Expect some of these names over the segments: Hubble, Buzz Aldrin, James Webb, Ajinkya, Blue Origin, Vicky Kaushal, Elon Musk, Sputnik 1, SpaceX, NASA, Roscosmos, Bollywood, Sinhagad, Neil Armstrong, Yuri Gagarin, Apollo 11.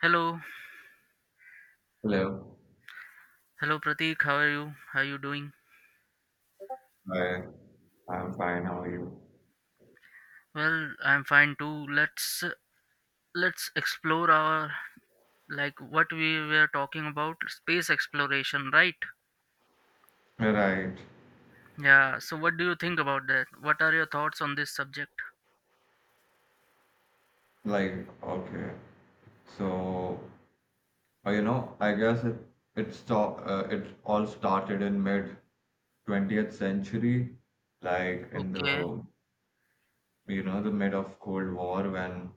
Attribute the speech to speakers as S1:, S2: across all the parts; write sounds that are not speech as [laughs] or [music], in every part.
S1: Hello,
S2: Hello.
S1: hello Pratik. How are you? How are you doing?
S2: Hi. I'm fine. How are you?
S1: Well, I'm fine too. Let's explore our like what we were talking about, space exploration, right?
S2: Right.
S1: Yeah. So what do you think about that? What are your thoughts on this subject?
S2: Like, okay. So, I guess it all started in mid 20th century, like in
S1: Okay.
S2: the the mid of Cold War when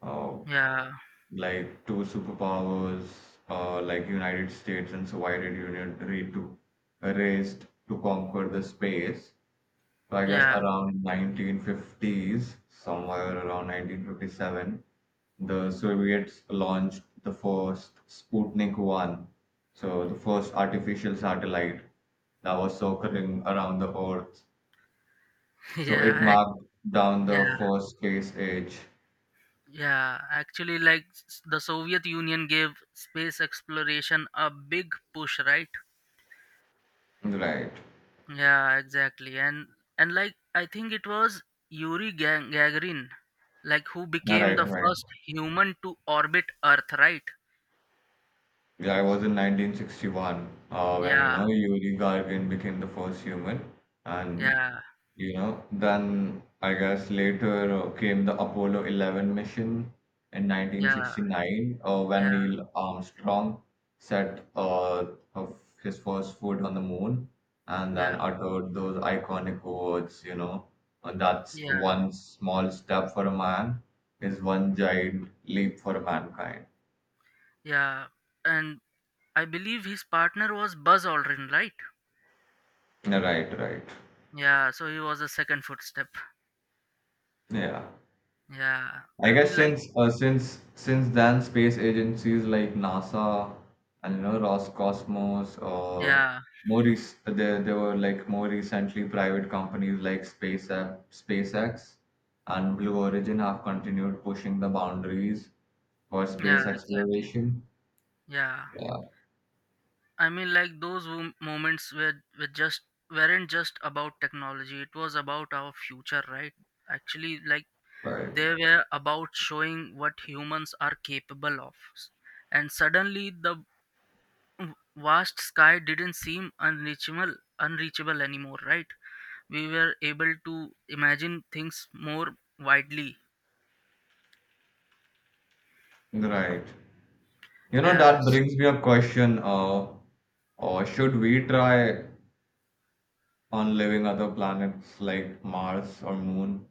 S2: uh,
S1: Yeah.
S2: like two superpowers, like United States and Soviet Union agreed to raced to conquer the space. So I guess
S1: Yeah.
S2: around 1950s, somewhere around 1957, the Soviets launched the first Sputnik 1, so the first artificial satellite that was circling around the Earth.
S1: [laughs]
S2: So it
S1: Yeah. ac-
S2: marked down
S1: Yeah.
S2: the first space age.
S1: Yeah. Actually, the Soviet Union gave space exploration a big push, right?
S2: Right.
S1: Yeah, exactly. And like I think it was Gagarin, like, who
S2: Yeah,
S1: became the
S2: right, right.
S1: first human to orbit Earth, right?
S2: Yeah, I was in 1961 when
S1: Yeah,
S2: Yuri Gagarin became the first human, and
S1: yeah,
S2: then I guess later came the Apollo 11 mission in
S1: yeah,
S2: 1969 when
S1: yeah,
S2: Neil Armstrong set of his first foot on the moon and then
S1: yeah,
S2: uttered those iconic words, you know, and that's
S1: yeah,
S2: one small step for a man is one giant leap for mankind.
S1: yeah. And I believe his partner was Buzz Aldrin, right?
S2: Right, right.
S1: Yeah, so he was a second footstep.
S2: Yeah.
S1: Yeah,
S2: I
S1: I
S2: guess
S1: mean like
S2: since then, space agencies like NASA and Roscosmos or
S1: yeah,
S2: more rec- there were more recently private companies like SpaceX and Blue Origin have continued pushing the boundaries for
S1: yeah,
S2: space
S1: exactly.
S2: exploration.
S1: Yeah.
S2: Yeah,
S1: I mean, like, moments were just weren't just about technology. It was about our future, right? Actually, like,
S2: right,
S1: they were about showing what humans are capable of. And suddenly, the vast sky didn't seem unreachable anymore, right? We were able to imagine things more widely.
S2: right. You know that
S1: Yes,
S2: brings me a question. Or should we try on living other planets like Mars or Moon?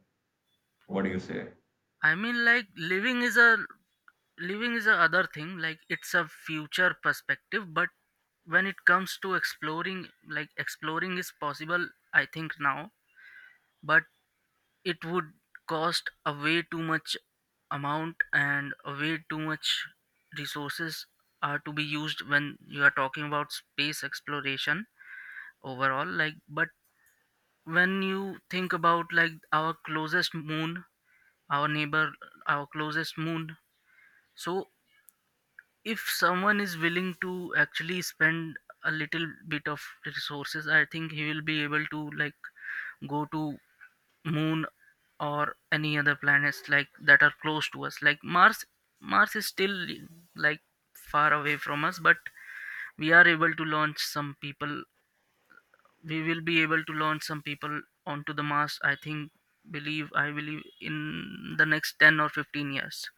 S2: What do you say?
S1: I mean, like, living is a other thing. Like, it's a future perspective, but when it comes to exploring, like, exploring is possible, I think, now, but it would cost a way too much amount and a way too much resources are to be used when you are talking about space exploration overall. Like, but when you think about, like, our closest moon, our neighbor, our closest moon, so if someone is willing to actually spend a little bit of resources, I think he will be able to, like, go to moon or any other planets, like, that are close to us, like Mars. Mars is still, like, far away from us, but we are able to launch some people we will be able to launch some people onto the Mars, I think, believe I believe in the next 10 or 15 years.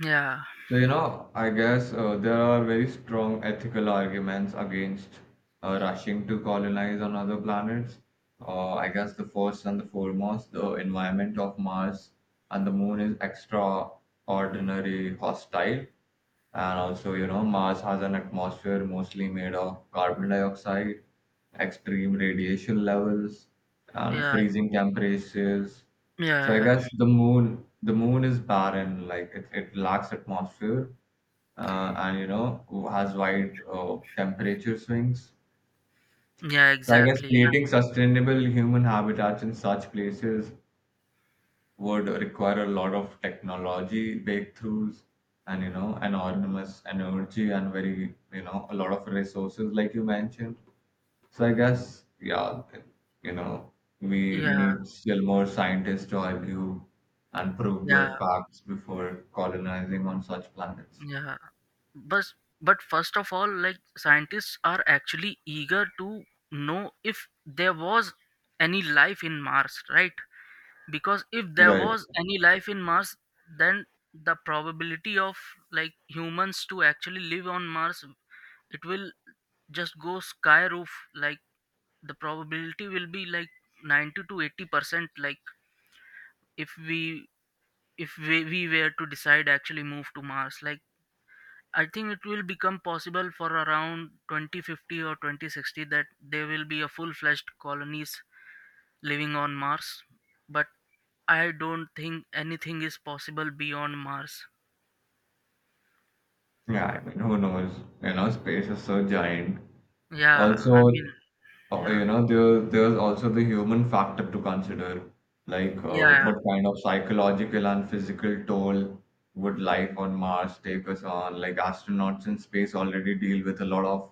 S1: Yeah,
S2: So, you know, I guess there are very strong ethical arguments against rushing to colonize on other planets. I guess the first and the foremost, the environment of Mars and the Moon is extraordinary hostile. And also, you know, Mars has an atmosphere mostly made of carbon dioxide, extreme radiation levels, and
S1: yeah,
S2: freezing temperatures.
S1: yeah,
S2: So I
S1: yeah,
S2: guess the moon is barren, like it lacks atmosphere, and you know, has wide temperature swings.
S1: yeah,
S2: So I guess
S1: exactly.
S2: creating sustainable human habitats in such places would require a lot of technology breakthroughs and an enormous energy and very a lot of resources like you mentioned. So I guess, yeah, you know we
S1: Yeah,
S2: need still more scientists to argue and prove their
S1: yeah,
S2: facts before colonizing on such planets.
S1: yeah. But but first of all, like, scientists are actually eager to know if there was any life in Mars, right? Because if there
S2: Right.
S1: was any life in Mars, then the probability of, like, humans to actually live on Mars, it will just go sky roof. Like, the probability will be like 90 to 80%. Like, if we if we, we were to decide actually move to Mars, like, I think it will become possible for around 2050 or 2060 that there will be a full-fledged colonies living on Mars, but I don't think anything is possible beyond Mars.
S2: Yeah, I mean, who knows? You know, space is so giant.
S1: Yeah,
S2: Also,
S1: I mean,
S2: You
S1: yeah,
S2: know, there's also the human factor to consider, like
S1: yeah,
S2: what kind of psychological and physical toll would life on Mars take us on? Like astronauts in space already deal with a lot of,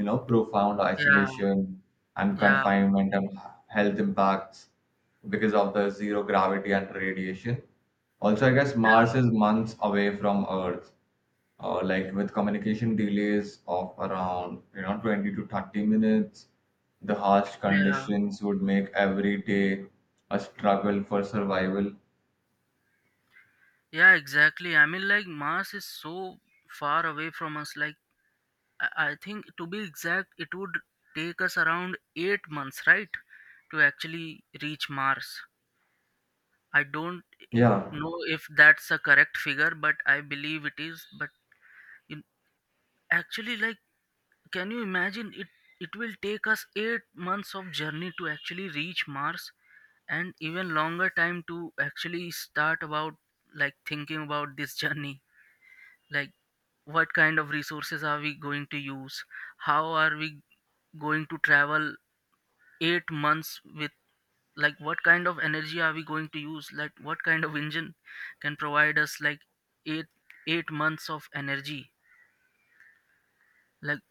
S2: you know, profound
S1: yeah,
S2: isolation and
S1: yeah,
S2: confinement and health impacts because of the zero gravity and radiation. Also, I guess Mars
S1: yeah,
S2: is months away from Earth, like with communication delays of around 20 to 30 minutes. The harsh
S1: yeah,
S2: conditions would make every day a struggle for survival.
S1: yeah, exactly. I mean, like, Mars is so far away from us. Like, I think, to be exact, it would take us around 8 months, right, to actually reach Mars. I don't
S2: Yeah,
S1: know if that's a correct figure, but I believe it is. In, actually, like, can you imagine it, it will take us 8 months of journey to actually reach Mars, and even longer time to actually start about, like, thinking about this journey. Like, what kind of resources are we going to use, how are we going to travel 8 months with, like, what kind of energy are we going to use, like, what kind of engine can provide us, like, eight eight months of energy, like.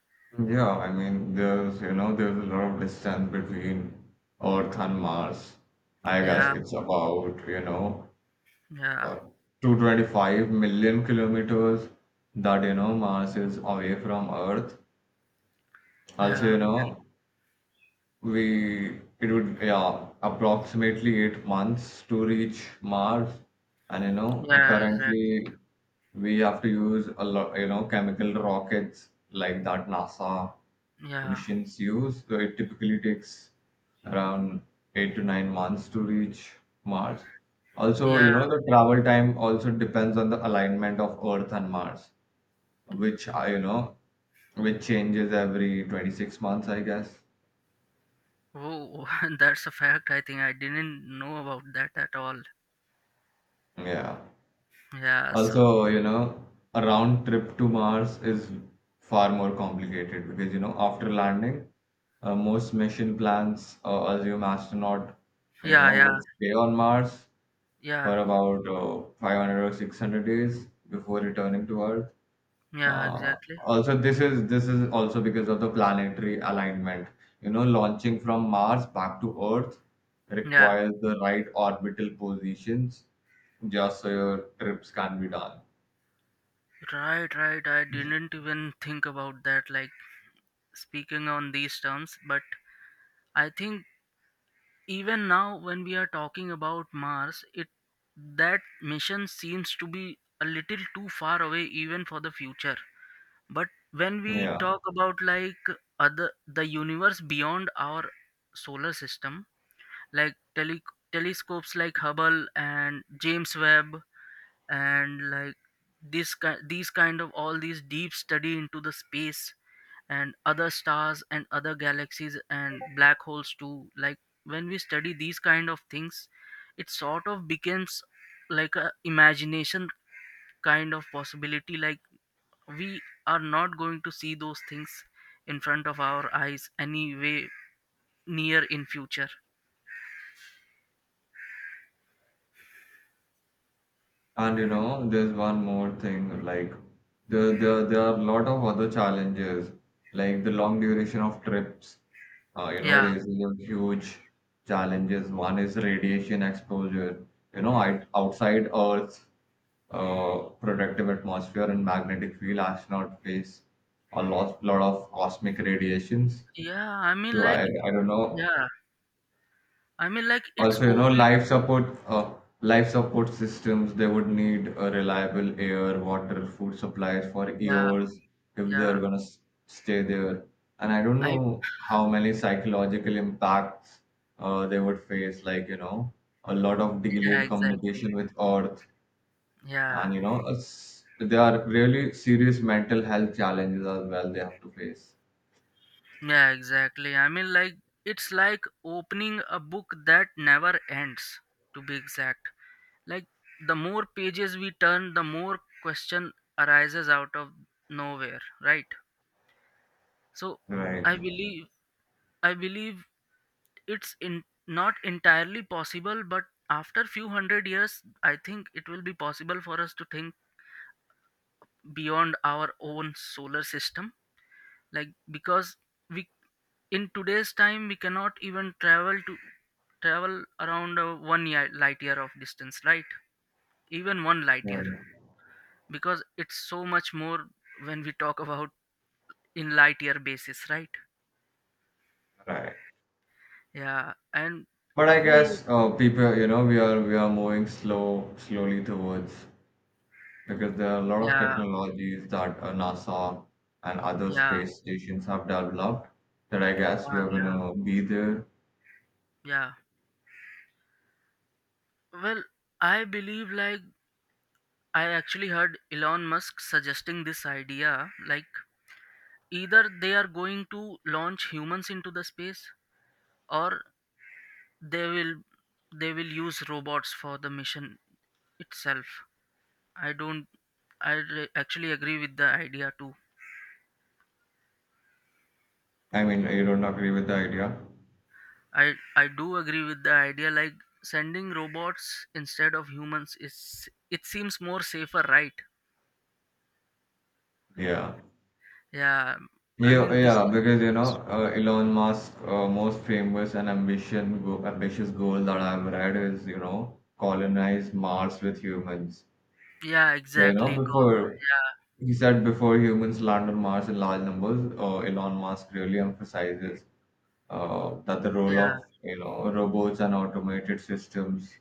S2: yeah, I mean, there's you know there's a lot of distance between earth and mars. I guess
S1: Yeah,
S2: it's about,
S1: yeah,
S2: uh, 225 million kilometers that mars is away from earth. Also, you
S1: yeah,
S2: know, we, it would, yeah, approximately 8 months to reach Mars. And
S1: yeah, exact,
S2: currently we have to use a lot, chemical rockets like that NASA
S1: yeah,
S2: missions use, so it typically takes around 8 to 9 months to reach Mars. Also, you
S1: yeah.
S2: know, the travel time also depends on the alignment of Earth and Mars, which I, which changes every 26 months, I guess.
S1: Oh, [laughs] that's a fact. I think I didn't know about that at all.
S2: Yeah.
S1: Yeah, so
S2: Also, you know, a round trip to Mars is far more complicated because, you know, after landing, most mission plans assume astronaut, you
S1: yeah,
S2: know,
S1: yeah,
S2: would stay on Mars
S1: yeah,
S2: for about 500 or 600 days before returning to Earth.
S1: yeah,
S2: Uh,
S1: exactly,
S2: also, this is this is also because of the planetary alignment. You know, launching from Mars back to Earth
S1: yeah.
S2: requires the right orbital positions just so your trips can be done.
S1: Right, right. I didn't even think about that, like, speaking on these terms. But I think even now when we are talking about Mars, it that mission seems to be a little too far away even for the future. But when we
S2: Yeah,
S1: talk about, like, other the universe beyond our solar system, like telescopes like Hubble and James Webb, and like, these kind of, all these deep study into the space and other stars and other galaxies and black holes too, like, when we study these kind of things, it sort of becomes, like, a imagination kind of possibility. Like, we are not going to see those things in front of our eyes anyway near in future.
S2: and you know, there's one more thing, like there are a lot of other challenges like the long duration of trips. You know,
S1: Yeah,
S2: raises a huge challenges. One is radiation exposure. You know, outside Earth's uh, protective atmosphere and magnetic field, astronauts face a lot of cosmic radiations.
S1: yeah, I mean,
S2: So
S1: like,
S2: I don't know.
S1: yeah, I mean, like, it's
S2: Also, you know,
S1: opening,
S2: life support systems, they would need a reliable air, water, food supplies for
S1: yeah,
S2: years if they're
S1: yeah,
S2: gonna stay there. And I don't
S1: I,
S2: know how many psychological impacts they would face, like, you know, a lot of
S1: yeah,
S2: delayed
S1: exactly.
S2: communication with Earth,
S1: Yeah,
S2: and you know, there are really serious mental health challenges as well they have to face.
S1: yeah, exactly. I mean, like, it's like opening a book that never ends, to be exact. Like, the more pages we turn, the more question arises out of nowhere, right? So,
S2: Right,
S1: I believe, I believe it's in not entirely possible, but after few hundred years, I think it will be possible for us to think beyond our own solar system, like, because we, in today's time, we cannot even travel to travel around 1 year, light year of distance, right? Even one light year,
S2: right,
S1: because it's so much more when we talk about in light year basis, right?
S2: right.
S1: Yeah. And
S2: But I
S1: who knows?
S2: guess people, you know, we are moving slowly towards, because there are a lot of
S1: Yeah,
S2: technologies that NASA and other
S1: yeah,
S2: space stations have developed that I guess we
S1: yeah,
S2: are
S1: yeah,
S2: gonna be there.
S1: yeah. Well, I believe, like, I actually heard Elon Musk suggesting this idea, like, either they are going to launch humans into the space, or they will they will use robots for the mission itself. I don't I re- actually, agree with the idea too.
S2: I mean, you don't agree with the idea?
S1: I do agree with the idea. Like, sending robots instead of humans, is it seems more safer, right?
S2: Yeah.
S1: Yeah, I
S2: Yeah,
S1: mean, this,
S2: yeah, because you know, Elon Musk, most famous and ambition go ambitious goal that I've read is, you know, colonize Mars with humans.
S1: yeah,
S2: So, you know,
S1: exactly, call.
S2: before
S1: Yeah,
S2: He said before humans land on Mars in large numbers, Elon Musk really emphasizes that the role
S1: yeah,
S2: of robots and automated systems.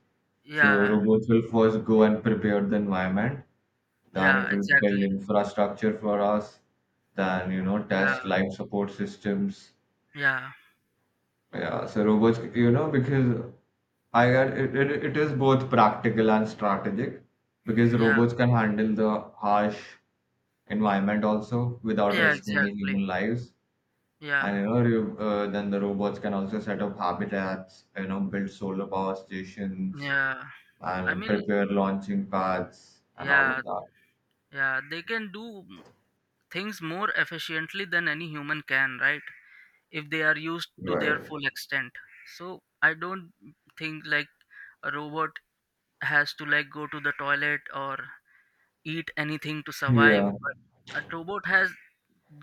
S2: So
S1: yeah,
S2: robots will first go and prepare the environment, then
S1: yeah,
S2: it will build
S1: exactly.
S2: infrastructure for us, then you know
S1: Yeah,
S2: test life support systems.
S1: yeah,
S2: Yeah, so robots, you know, because I got it, it is both practical and strategic because
S1: yeah,
S2: robots can handle the harsh environment also without
S1: yeah,
S2: risking the
S1: exactly.
S2: human lives. And
S1: Yeah,
S2: you know, then the robots can also set up habitats, you know, build solar power stations
S1: yeah, I
S2: and
S1: mean,
S2: prepare launching pads and all
S1: yeah,
S2: of that.
S1: yeah, they can do things more efficiently than any human can, right, if they are used to their
S2: Right.
S1: full extent. So I don't think, like, a robot has to, like, go to the toilet or eat anything to survive,
S2: Yeah.
S1: but a robot has,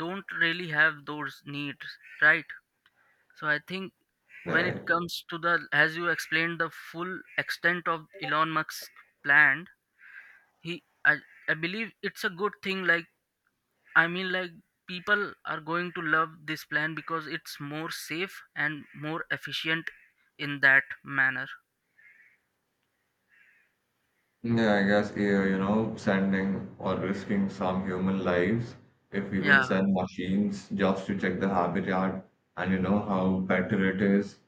S1: don't really have those needs, right? So I think when it
S2: Right.
S1: comes to, the as you explained, the full extent of Elon Musk's plan, he i, I believe it's a good thing. Like, I mean, like, people are going to love this plan because it's more safe and more efficient in that manner.
S2: Yeah, I guess yeah, you know, sending or risking some human lives if we would
S1: Yeah,
S2: send machines just to check the habitat, and you know how better it is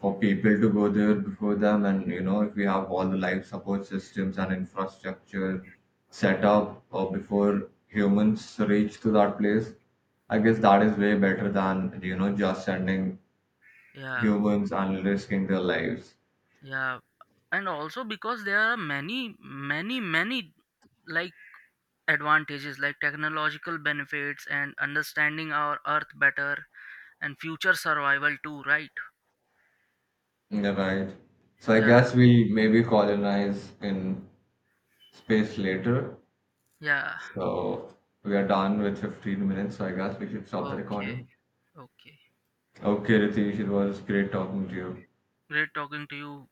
S2: for people to go there before them, and you know if we have all the life support systems and infrastructure set up before humans reach to that place, I guess that is way better than you know just sending
S1: yeah,
S2: humans and risking their lives.
S1: yeah. And also because there are many, many, many, like, advantages, like technological benefits and understanding our earth better and future survival too, right?
S2: Yeah, right. So I
S1: Yeah,
S2: guess we maybe colonize in space later.
S1: yeah.
S2: So we are done with 15 minutes, so I guess we should stop the
S1: Okay,
S2: recording.
S1: okay.
S2: Okay, Ritesh, it was great talking to you.
S1: Great talking to you.